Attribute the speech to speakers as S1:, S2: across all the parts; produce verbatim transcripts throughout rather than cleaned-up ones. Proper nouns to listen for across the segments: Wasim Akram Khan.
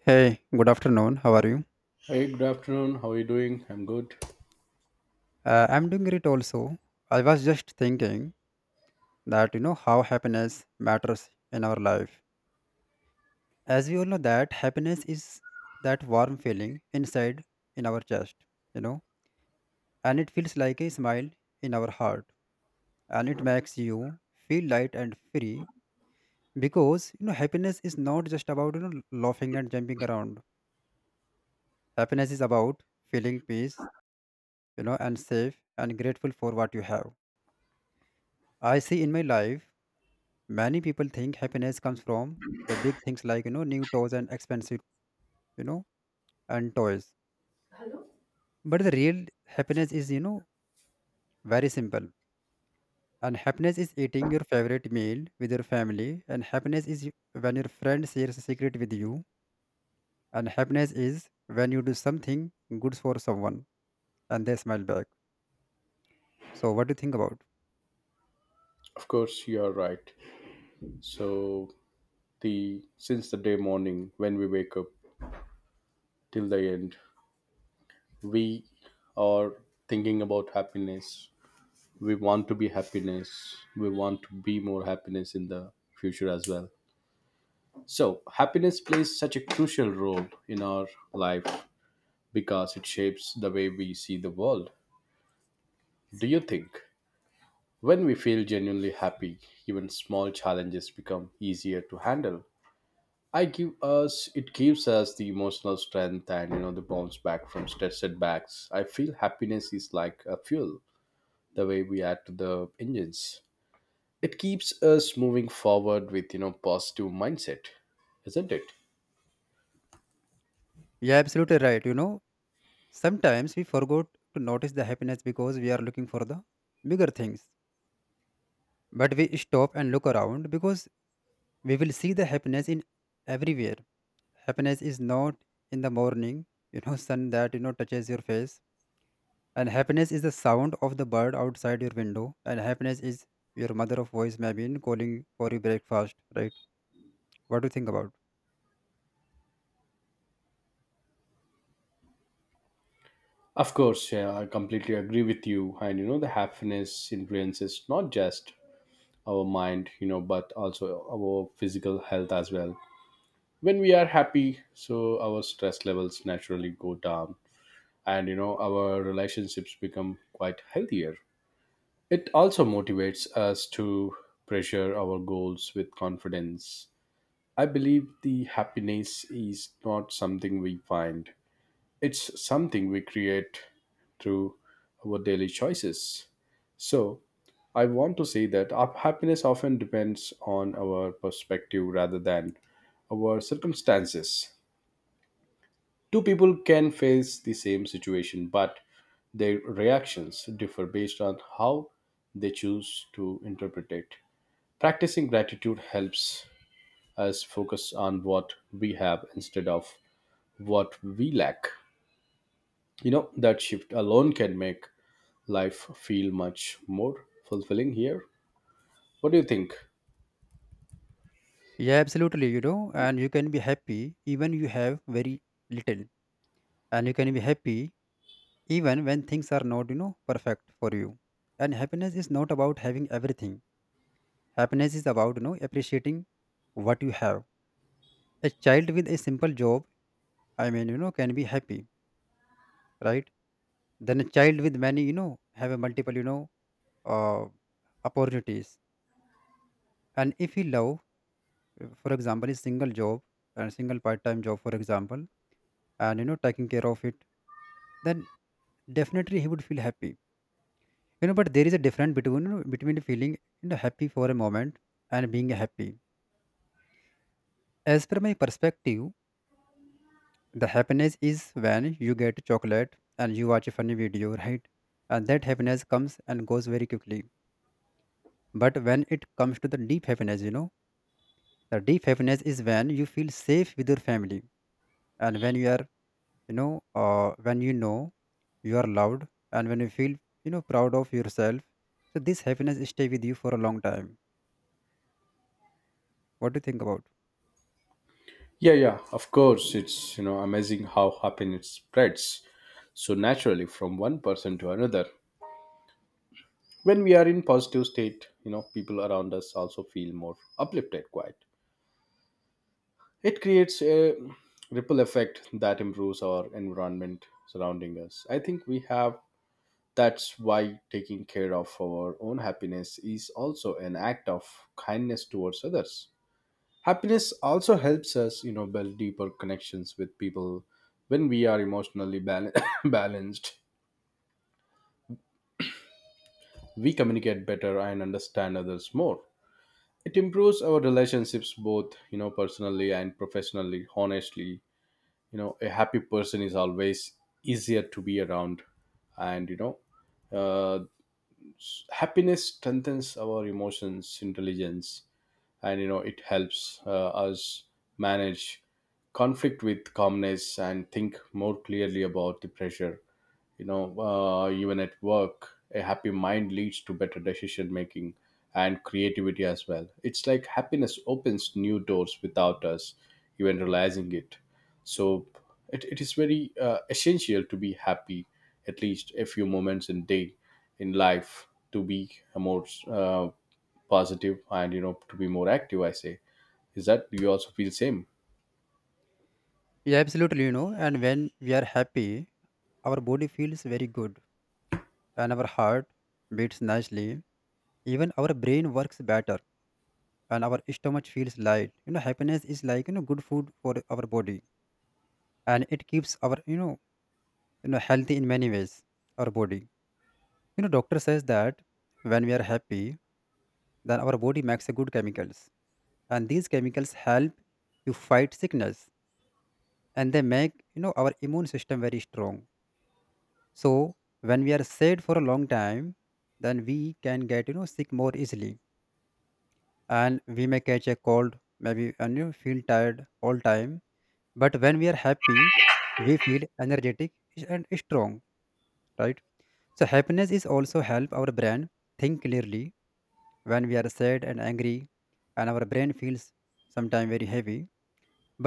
S1: Hey, good afternoon. How are you?
S2: Hey, good afternoon. How are you doing? I'm good.
S1: Uh, I'm doing great also. I was just thinking that you know how happiness matters in our life. As we all know that happiness is that warm feeling inside in our chest, you know, and it feels like a smile in our heart, and it makes you feel light and free because you know happiness is not just about you know laughing and jumping around. Happiness is about feeling peace, you know, and safe and grateful for what you have. I see in my life many people think happiness comes from the big things like, you know, new toys and expensive, you know, and toys. But the real happiness is, you know, very simple. And happiness is eating your favorite meal with your family. And happiness is when your friend shares a secret with you. And happiness is when you do something good for someone and they smile back. So, what do you think about?
S2: Of course, you are right. So the since the day morning when we wake up till the end, we are thinking about happiness. We want to be happiness. We want to be more happiness in the future as well. So happiness plays such a crucial role in our life because it shapes the way we see the world. Do you think when we feel genuinely happy, even small challenges become easier to handle? I give us It gives us the emotional strength and you know the bounce back from stress setbacks. I feel happiness is like a fuel, the way we add to the engines. It keeps us moving forward with you know positive mindset, isn't it?
S1: Yeah, absolutely right. You know, sometimes we forgot to notice the happiness because we are looking for the bigger things, but we stop and look around because we will see the happiness in everywhere. Happiness is not in the morning you know sun that you know touches your face, and happiness is the sound of the bird outside your window, and happiness is your mother of voice maybe in calling for your breakfast, right? What do you think about?
S2: Of course, yeah, I completely agree with you. And you know the happiness influences not just our mind, you know, but also our physical health as well. When we are happy, so our stress levels naturally go down, and you know our relationships become quite healthier. It also motivates us to pressure our goals with confidence. I believe the happiness is not something we find, it's something we create through our daily choices. So I want to say that our happiness often depends on our perspective rather than our circumstances. Two people can face the same situation, but their reactions differ based on how they choose to interpret it. Practicing gratitude helps us focus on what we have instead of what we lack. You know, that shift alone can make life feel much more fulfilling here. What do you think?
S1: Yeah, absolutely, you know, and you can be happy even you have very little, and you can be happy even when things are not you know perfect for you. And happiness is not about having everything. Happiness is about you know appreciating what you have. A child with a simple job, i mean you know, can be happy, right? Then a child with many, you know, have a multiple, you know uh, opportunities, and if he love, uh, for example, a single job, and single part-time job, for example, and you know taking care of it, then definitely he would feel happy. You know, but there is a difference between, you know, between feeling, you know, happy for a moment and being happy, as per my perspective. The happiness is when you get chocolate and you watch a funny video, right? And that happiness comes and goes very quickly. But when it comes to the deep happiness, you know, the deep happiness is when you feel safe with your family, and when you are, you know, uh, when you know you are loved, and when you feel, you know, proud of yourself. So this happiness stay with you for a long time. What do you think about?
S2: Yeah, yeah, of course. It's, you know, amazing how happiness spreads so naturally from one person to another. When we are in positive state, you know, people around us also feel more uplifted quiet. It creates a ripple effect that improves our environment surrounding us. I think we have, that's why taking care of our own happiness is also an act of kindness towards others. Happiness also helps us, you know, build deeper connections with people. When we are emotionally bal- balanced, we communicate better and understand others more. It improves our relationships, both you know personally and professionally. Honestly, you know, a happy person is always easier to be around. And you know uh, happiness strengthens our emotions intelligence, and you know it helps uh, us manage conflict with calmness and think more clearly about the pressure. You know, uh, even at work a happy mind leads to better decision making and creativity as well. It's like happiness opens new doors without us even realizing it. So it, it is very uh, essential to be happy at least a few moments in day in life to be more uh, positive and you know to be more active, I say. Is that you also feel same?
S1: Yeah, absolutely, you know, and when we are happy, our body feels very good, and our heart beats nicely, even our brain works better, and our stomach feels light. You know, happiness is like, you know, good food for our body, and it keeps our, you know you know healthy in many ways. Our body, you know, doctor says that when we are happy, then our body makes a good chemicals, and these chemicals help you fight sickness, and they make, you know, our immune system very strong. So when we are sad for a long time, then we can get, you know, sick more easily, and we may catch a cold maybe, and you feel tired all time. But when we are happy, we feel energetic and strong, right? So happiness is also help our brain think clearly. When we are sad and angry, and our brain feels sometimes very heavy,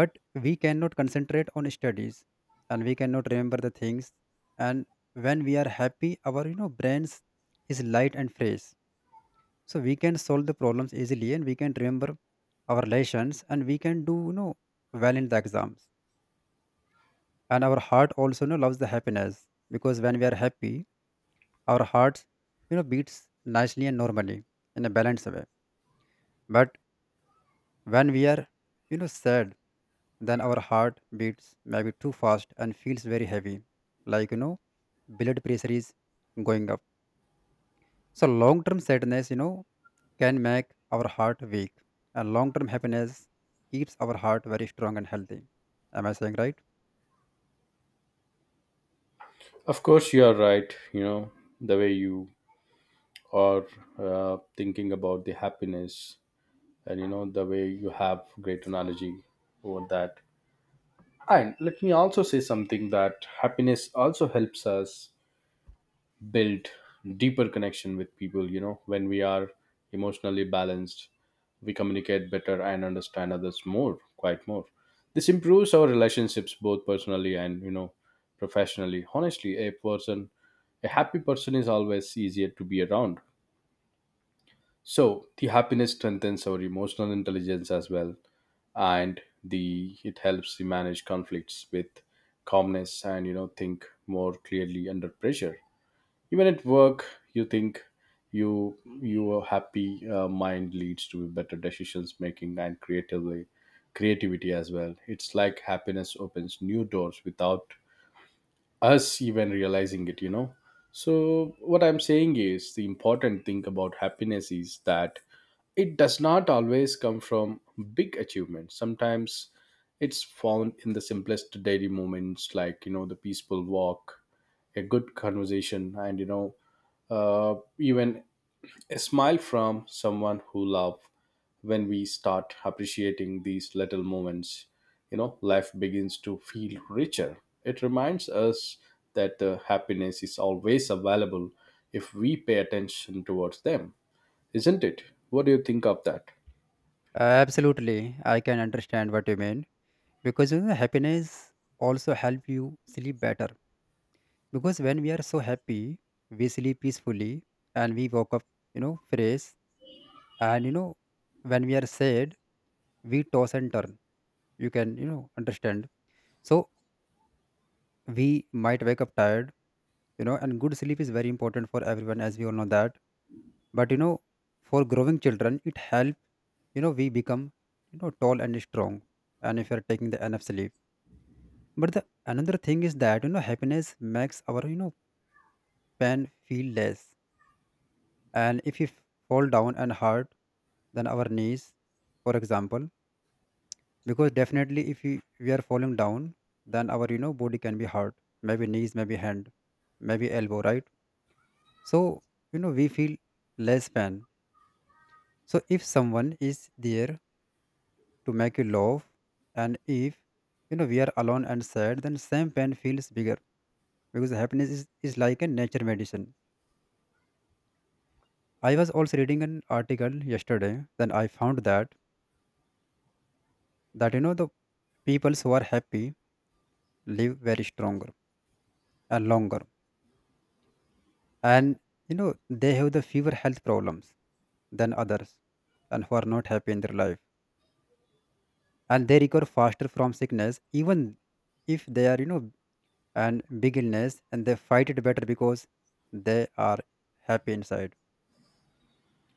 S1: but we cannot concentrate on studies, and we cannot remember the things. And when we are happy, our you know brains is light and fresh, so we can solve the problems easily, and we can remember our lessons, and we can do, you know, well in the exams. And our heart also, you know, loves the happiness, because when we are happy, our heart, you know, beats nicely and normally, in a balanced way. But when we are, you know, sad, then our heart beats maybe too fast and feels very heavy, like, you know, blood pressure is going up. So long term sadness, you know, can make our heart weak, and long term happiness keeps our heart very strong and healthy. Am I saying right?
S2: Of course you are right. You know the way you or uh, thinking about the happiness, and you know the way you have great analogy over that. And let me also say something, that happiness also helps us build deeper connection with people. You know, when we are emotionally balanced, we communicate better and understand others more, quite more. This improves our relationships both personally and you know professionally. Honestly, a person a happy person is always easier to be around. So the happiness strengthens our emotional intelligence as well, and the it helps to manage conflicts with calmness and you know think more clearly under pressure. Even at work, you think you your happy uh, mind leads to better decisions making and creatively creativity as well. It's like happiness opens new doors without us even realizing it. You know. So what I'm saying is, the important thing about happiness is that it does not always come from big achievements. Sometimes it's found in the simplest daily moments, like you know the peaceful walk, a good conversation, and you know uh, even a smile from someone who love. When we start appreciating these little moments, you know life begins to feel richer. It reminds us that the happiness is always available if we pay attention towards them, isn't it? What do you think of that?
S1: Absolutely, I can understand what you mean, because you know, happiness also help you sleep better, because when we are so happy, we sleep peacefully, and we woke up, you know, fresh. And you know, when we are sad, we toss and turn, you can, you know, understand. So we might wake up tired, you know, and good sleep is very important for everyone, as we all know that. But you know, for growing children, it help, you know, we become, you know, tall and strong, and if you're taking the enough sleep. But the another thing is that you know happiness makes our, you know pain feel less. And if we f- fall down and hurt, then our knees, for example, because definitely if we, we are falling down, then our you know body can be hurt. Maybe knees, maybe hand, maybe elbow, right? So you know we feel less pain. So if someone is there to make you laugh, and if you know we are alone and sad, then same pain feels bigger, because happiness is, is like a nature medicine. I was also reading an article yesterday, then I found that that you know the peoples who are happy live very stronger and longer, and you know they have the fewer health problems than others, and who are not happy in their life, and they recover faster from sickness, even if they are you know and big illness, and they fight it better because they are happy inside.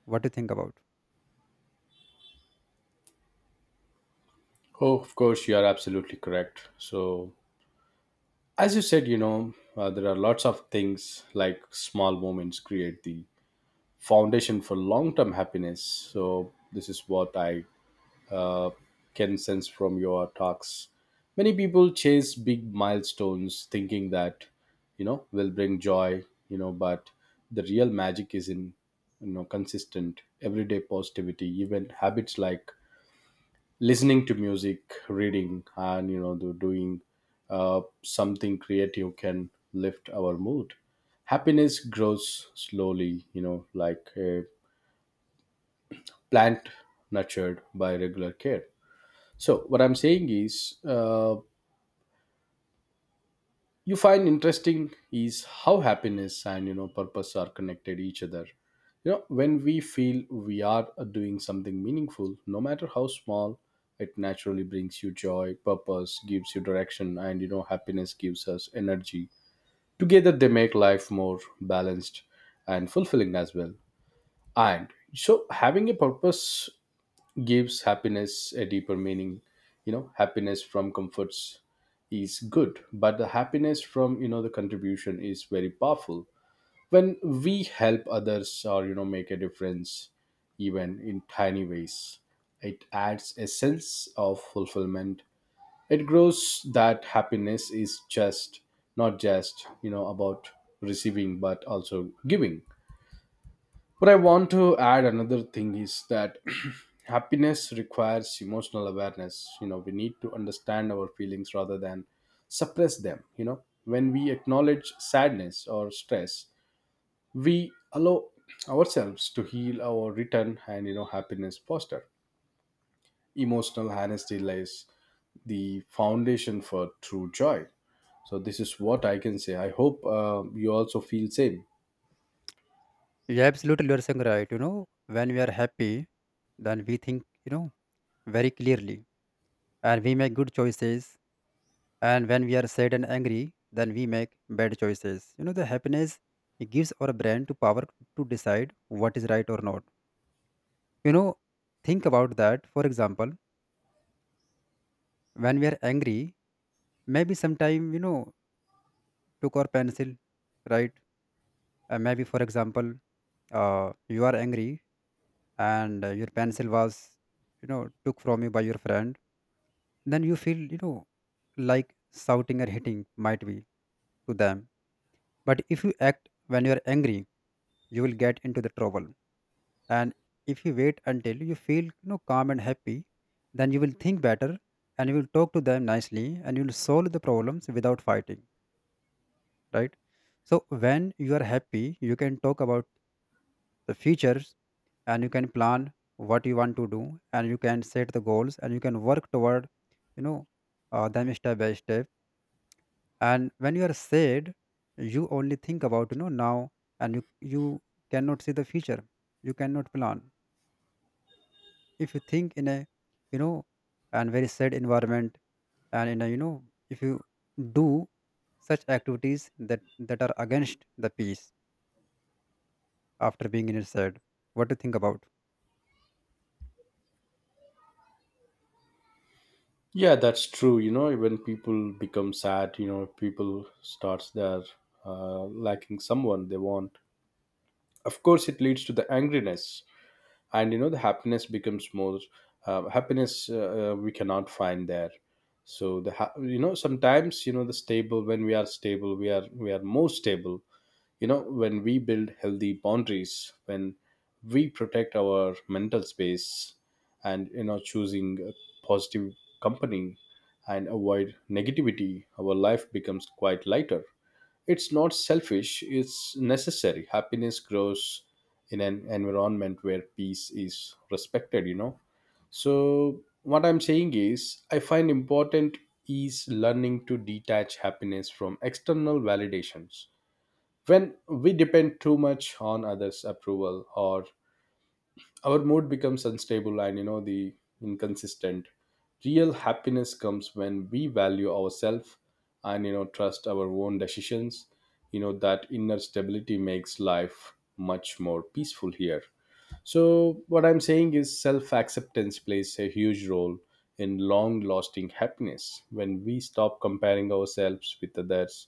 S1: What do you think about?
S2: Oh, of course, you are absolutely correct. So, as you said, you know, uh, there are lots of things like small moments create the foundation for long term happiness. So, this is what I uh, can sense from your talks. Many people chase big milestones thinking that, you know, will bring joy, you know, but the real magic is in, you know, consistent everyday positivity, even habits like listening to music, reading, and you know, do- doing uh, something creative can lift our mood. Happiness grows slowly, you know, like a plant nurtured by regular care. So what I'm saying is, uh, you find interesting is how happiness and you know purpose are connected each other. You know, when we feel we are doing something meaningful, no matter how small, it naturally brings you joy. Purpose gives you direction, and you know happiness gives us energy. Together they make life more balanced and fulfilling as well. And so having a purpose gives happiness a deeper meaning. You know, happiness from comforts is good, but the happiness from you know the contribution is very powerful. When we help others or you know make a difference, even in tiny ways, it adds a sense of fulfillment. It grows that happiness is just not just you know about receiving, but also giving. But I want to add another thing is that happiness requires emotional awareness. You know, we need to understand our feelings rather than suppress them. You know, when we acknowledge sadness or stress, we allow ourselves to heal or return, and you know happiness foster emotional honesty lies the foundation for true joy. So this is what I can say. I hope uh, you also feel same.
S1: Yeah, absolutely, you're saying right, you know, when we are happy, then we think, you know, very clearly, and we make good choices. And when we are sad and angry, then we make bad choices. You know, the happiness, it gives our brain to power to decide what is right or not. You know, think about that, for example, when we are angry, maybe sometime you know took our pencil, right? Uh, maybe for example, uh, you are angry, and uh, your pencil was, you know, took from you by your friend, then you feel, you know, like shouting or hitting might be to them. But if you act when you are angry, you will get into the trouble. And if you wait until you feel, you know, calm and happy, then you will think better, and you will talk to them nicely, and you will solve the problems without fighting, right? So when you are happy, you can talk about the futures, and you can plan what you want to do, and you can set the goals, and you can work toward, you know uh, them step by step. And when you are sad, you only think about, you know, now, and you you cannot see the future, you cannot plan, if you think in a, you know, and very sad environment, and in a, you know, if you do such activities that that are against the peace, after being in a sad. What do you think about?
S2: Yeah, that's true. You know, when people become sad, you know people starts their uh, lacking someone they want. Of course it leads to the angriness, and you know the happiness becomes more uh, happiness uh, uh, we cannot find there. So the ha- you know sometimes you know the stable, when we are stable we are we are more stable. You know, when we build healthy boundaries, when we protect our mental space and you know choosing a positive company and avoid negativity, our life becomes quite lighter. It's not selfish, it's necessary. Happiness grows in an environment where peace is respected, you know. So what I'm saying is I find important is learning to detach happiness from external validations. When we depend too much on others' approval or our mood becomes unstable, and you know the inconsistent. Real happiness comes when we value ourselves and you know trust our own decisions. You know, that inner stability makes life much more peaceful here. So, what I'm saying is self acceptance plays a huge role in long lasting happiness. When we stop comparing ourselves with others,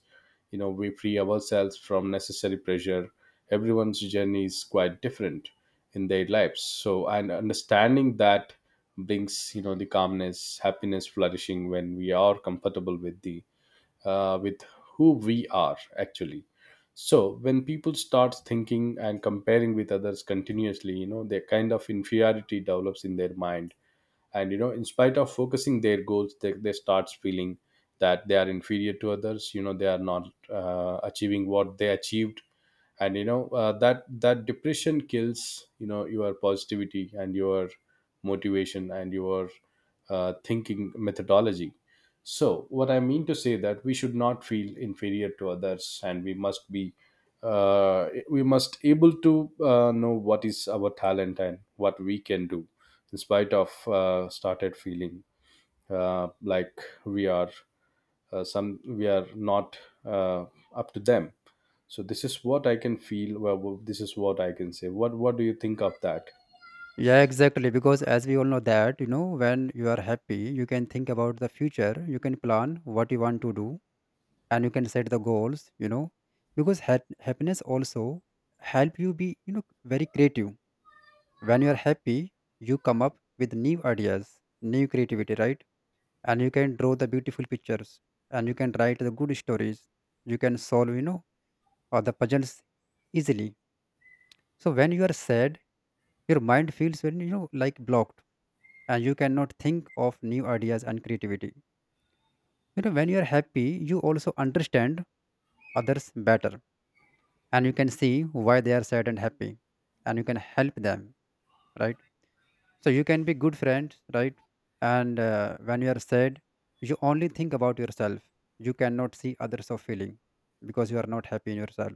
S2: you know, we free ourselves from necessary pressure. Everyone's journey is quite different in their lives. So, and understanding that brings, you know, the calmness, happiness, flourishing when we are comfortable with the uh, with who we are actually. So when people start thinking and comparing with others continuously, you know their kind of inferiority develops in their mind, and you know in spite of focusing their goals, they, they starts feeling that they are inferior to others. You know, they are not uh, achieving what they achieved, and you know uh, that that depression kills you know your positivity and your motivation and your uh, thinking methodology. So what I mean to say that we should not feel inferior to others, and we must be uh, we must able to uh, know what is our talent and what we can do, in spite of uh, started feeling uh, like we are uh, some we are not uh, up to them. So this is what I can feel. Well well, this is what I can say. What what do you think of that?
S1: Yeah, exactly, because as we all know that you know when you are happy, you can think about the future, you can plan what you want to do, and you can set the goals, you know, because hap- happiness also help you be, you know, very creative. When you are happy, you come up with new ideas, new creativity, right? And you can draw the beautiful pictures, and you can write the good stories, you can solve, you know, or the puzzles easily. So when you are sad, your mind feels very, you know, like blocked, and you cannot think of new ideas and creativity. You know, when you are happy, you also understand others better, and you can see why they are sad and happy, and you can help them, right? So you can be good friend, right? And uh, when you are sad, you only think about yourself, you cannot see others of feeling, because you are not happy in yourself.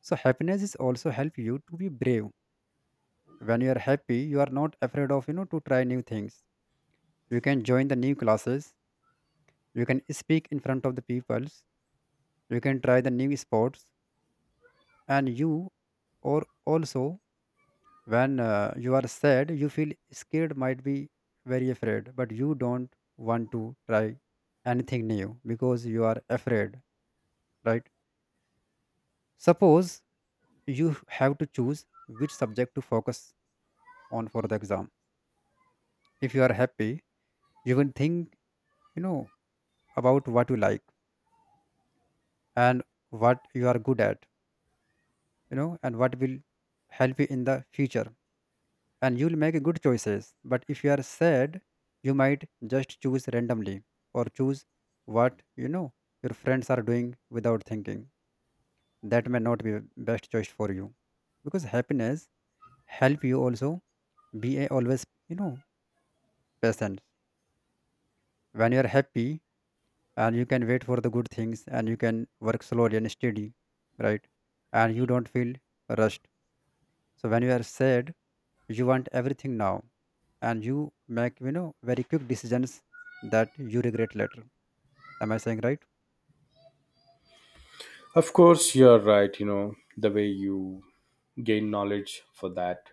S1: So happiness is also help you to be brave. When you are happy, you are not afraid of, you know, to try new things. You can join the new classes, you can speak in front of the peoples, you can try the new sports, and you, or also, when uh, you are sad, you feel scared, might be very afraid, but you don't want to try anything new because you are afraid, right? Suppose you have to choose which subject to focus on for the exam. If you are happy, you will think, you know, about what you like and what you are good at, you know, and what will help you in the future, and you'll make good choices. But if you are sad, you might just choose randomly or choose what you know your friends are doing without thinking. That may not be best choice for you because happiness help you also be a always you know patient. When you are happy and you can wait for the good things and you can work slowly and steady, right? And you don't feel rushed. So when you are sad, you want everything now and you make you know very quick decisions that you regret later. Am I saying right?
S2: Of course you're right. You know the way you gain knowledge for that,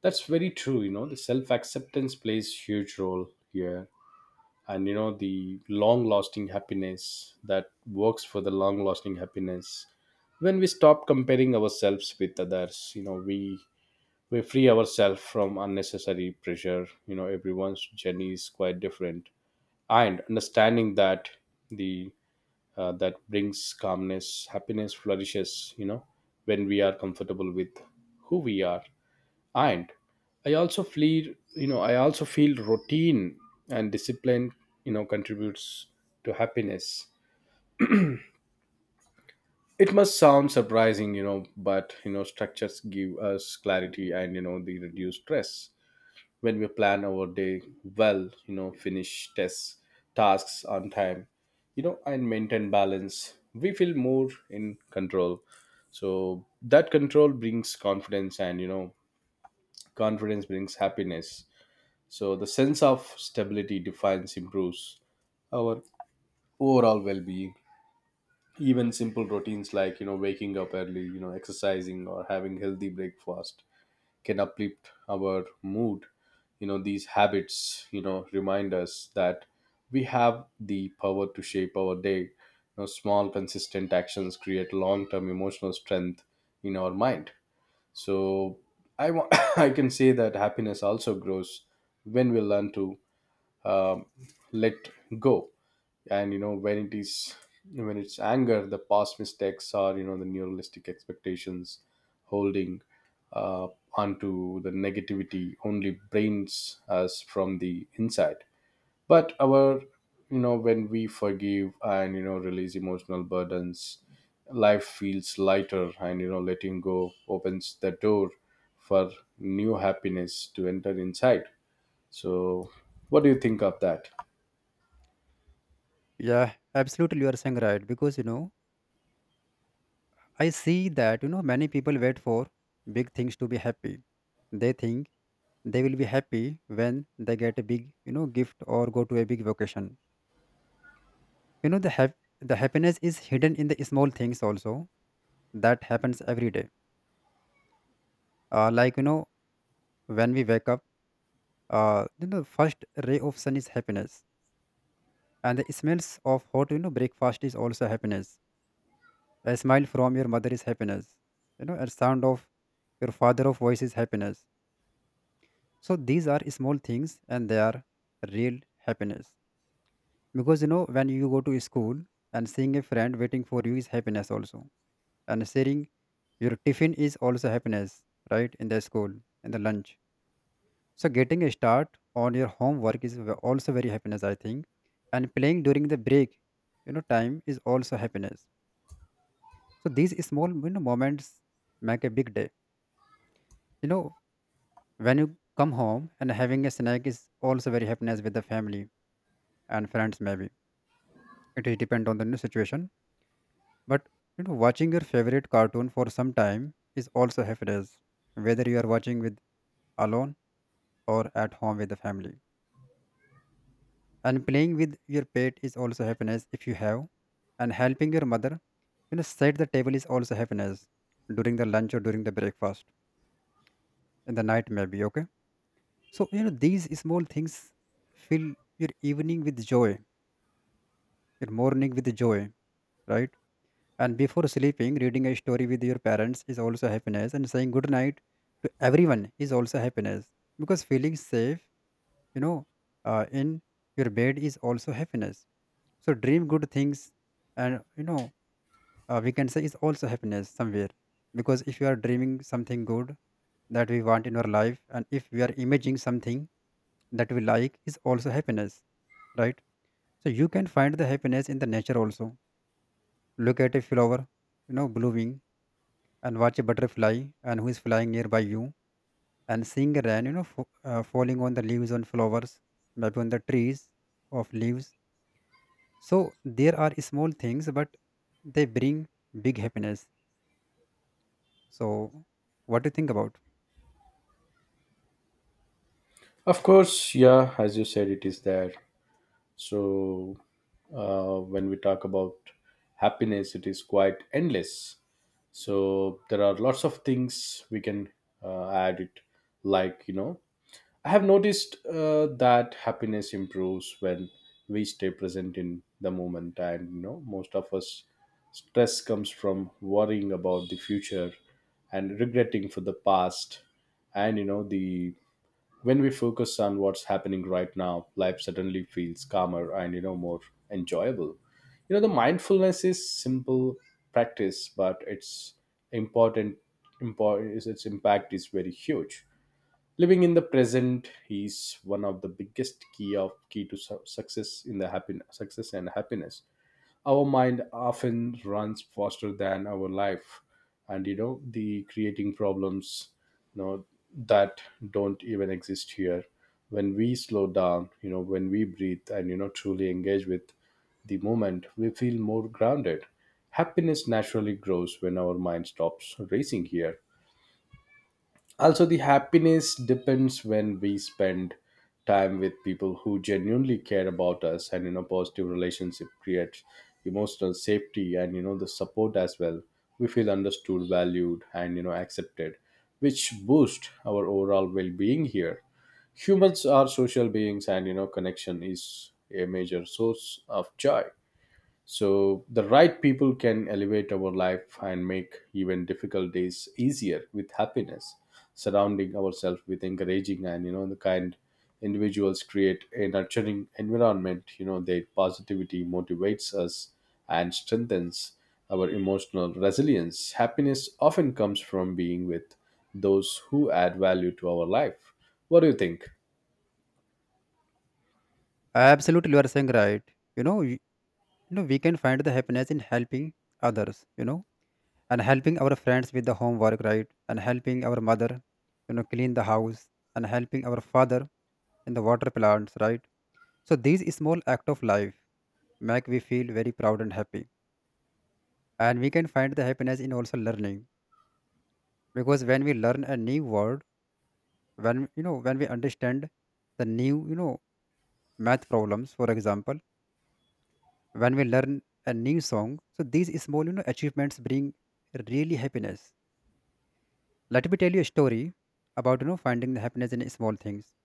S2: that's very true. You know the self acceptance plays huge role here, and you know the long lasting happiness, that works for the long lasting happiness. When we stop comparing ourselves with others, you know, we we free ourselves from unnecessary pressure. You know, everyone's journey is quite different, and understanding that, the uh, that brings calmness, happiness flourishes. You know, when we are comfortable with who we are. And i also feel you know I also feel routine and discipline, you know, contributes to happiness. It must sound surprising, you know, but you know structures give us clarity and you know they reduce stress. When we plan our day well, you know finish tests tasks on time, you know, and maintain balance, we feel more in control. So that control brings confidence, and you know confidence brings happiness. So the sense of stability defines improves our overall well-being. Even simple routines, like you know waking up early, you know exercising or having healthy breakfast, can uplift our mood. You know these habits you know remind us that we have the power to shape our day. You know small consistent actions create long term emotional strength in our mind. So, i wa- I can say that happiness also grows when we learn to um, let go. And you know when it is when it's anger, the past mistakes are you know the neuralistic expectations, holding uh, onto the negativity, only brains us from the inside. But our, you know when we forgive and you know release emotional burdens, life feels lighter, and you know letting go opens the door for new happiness to enter inside. So what do you think of that?
S1: Yeah, absolutely, you are saying right because you know I see that you know many people wait for big things to be happy. They think they will be happy when they get a big you know gift or go to a big vacation. you know the hap- the happiness is hidden in the small things also, that happens every day. Uh, like you know when we wake up, uh, you know first ray of sun is happiness, and the smells of hot you know breakfast is also happiness. A smile from your mother is happiness. You know, a sound of your father of voice is happiness. So these are small things and they are real happiness. Because you know when you go to school and seeing a friend waiting for you is happiness also, and sharing your tiffin is also happiness, right, in the school, in the lunch. So getting a start on your homework is ve- also very happiness, I think. And playing during the break you know time is also happiness. So these small, you know, moments make a big day. You know, when you come home and having a snack is also very happiness with the family and friends. Maybe it is depend on the new situation. But you know, watching your favorite cartoon for some time is also happiness, whether you are watching with alone or at home with the family. And playing with your pet is also happiness if you have. And helping your mother, you know, set the table is also happiness during the lunch or during the breakfast, in the night maybe. Okay. So, you know, these small things fill your evening with joy, your morning with joy, right? And before sleeping, reading a story with your parents is also happiness, and saying good night to everyone is also happiness because feeling safe, you know, uh, in your bed is also happiness. So, dream good things, and you know, uh, we can say is also happiness somewhere, because if you are dreaming something good that we want in our life, and if we are imagining something that we like, is also happiness, right? So you can find the happiness in the nature also. Look at a flower, you know, blooming, and watch a butterfly and who is flying nearby you, and seeing rain, you know, f- uh, falling on the leaves on flowers, maybe on the trees of leaves. So there are small things, but they bring big happiness. So what do you think about?
S2: Of course, yeah, as you said, it is there. So, uh, when we talk about happiness, it is quite endless. So, there are lots of things we can uh, add it. Like, you know, I have noticed uh, that happiness improves when we stay present in the moment. And, you know, most of us stress comes from worrying about the future and regretting for the past, and you know the when we focus on what's happening right now, life suddenly feels calmer and you know more enjoyable. You know the mindfulness is simple practice, but it's important important is its impact is very huge. Living in the present is one of the biggest key of key to su- success in the happiness, success and happiness. Our mind often runs faster than our life, and you know the creating problems you know that don't even exist here. When we slow down, you know when we breathe and you know truly engage with the moment, we feel more grounded. Happiness naturally grows when our mind stops racing here. Also, the happiness depends when we spend time with people who genuinely care about us, and you know positive relationship creates emotional safety and you know the support as well. We feel understood, valued, and you know accepted, which boost our overall well-being here. Humans are social beings, and you know connection is a major source of joy. So the right people can elevate our life and make even difficult days easier with happiness. Surrounding ourselves with encouraging and you know the kind individuals create a nurturing environment. You know their positivity motivates us and strengthens our emotional resilience. Happiness often comes from being with those who add value to our life. What do you think?
S1: Absolutely, you are saying right. You know, you, you know, we can find the happiness in helping others. You know, and helping our friends with the homework, right, and helping our mother you know clean the house, and helping our father in the water plants, right? So these small act of life make we feel very proud and happy. And we can find the happiness in also learning, because when we learn a new word, when you know when we understand the new you know math problems, for example, when we learn a new song. So these small you know achievements bring really happiness. Let me tell you a story about you know finding the happiness in small things.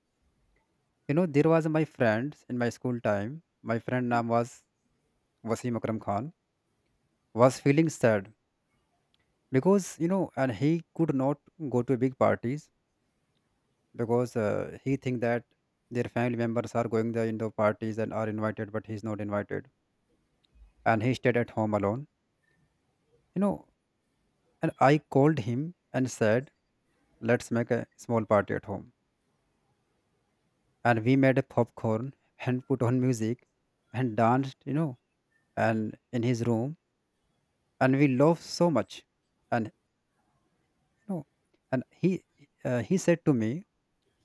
S1: You know, there was my friend in my school time. My friend name was Wasim Akram Khan. Was feeling sad because you know, and he could not go to big parties because uh, he think that their family members are going there in the parties and are invited, but he's not invited, and he stayed at home alone. You know, and I called him and said, "Let's make a small party at home." And we made a popcorn and put on music and danced, you know, and in his room, and we laughed so much. And no. And he uh, he said to me,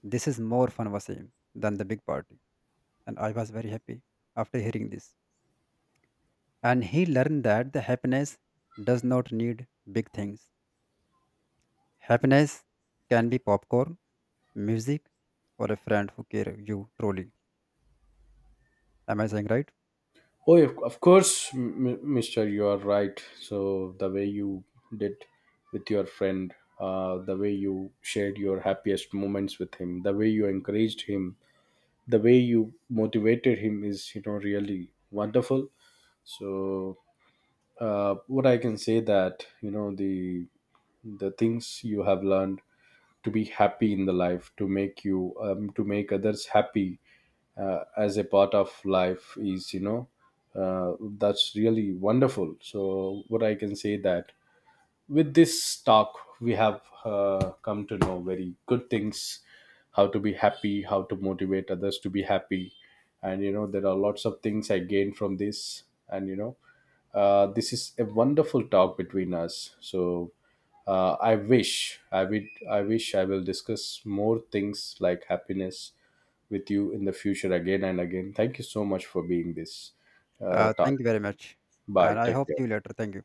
S1: "This is more fun, Wasim, than the big party." And I was very happy after hearing this. And he learned that the happiness does not need big things. Happiness can be popcorn, music, or a friend who care you truly. Am I saying right?
S2: Oh, of of course, m- m- Mister, you are right. So the way you did with your friend, uh, the way you shared your happiest moments with him, the way you encouraged him, the way you motivated him is, you know, really wonderful. So uh, what I can say that you know the the things you have learned to be happy in the life, to make you um, to make others happy, uh, as a part of life is you know uh, that's really wonderful. So what I can say that with this talk we have uh, come to know very good things: how to be happy, how to motivate others to be happy, and you know there are lots of things I gained from this. And you know uh, this is a wonderful talk between us. So uh, i wish i would I wish I will discuss more things like happiness with you in the future again and again. Thank you so much for being this uh,
S1: Uh,
S2: talk.
S1: thank you very much,
S2: Bye.
S1: and I
S2: Take
S1: hope see you
S2: care.
S1: later. Thank you.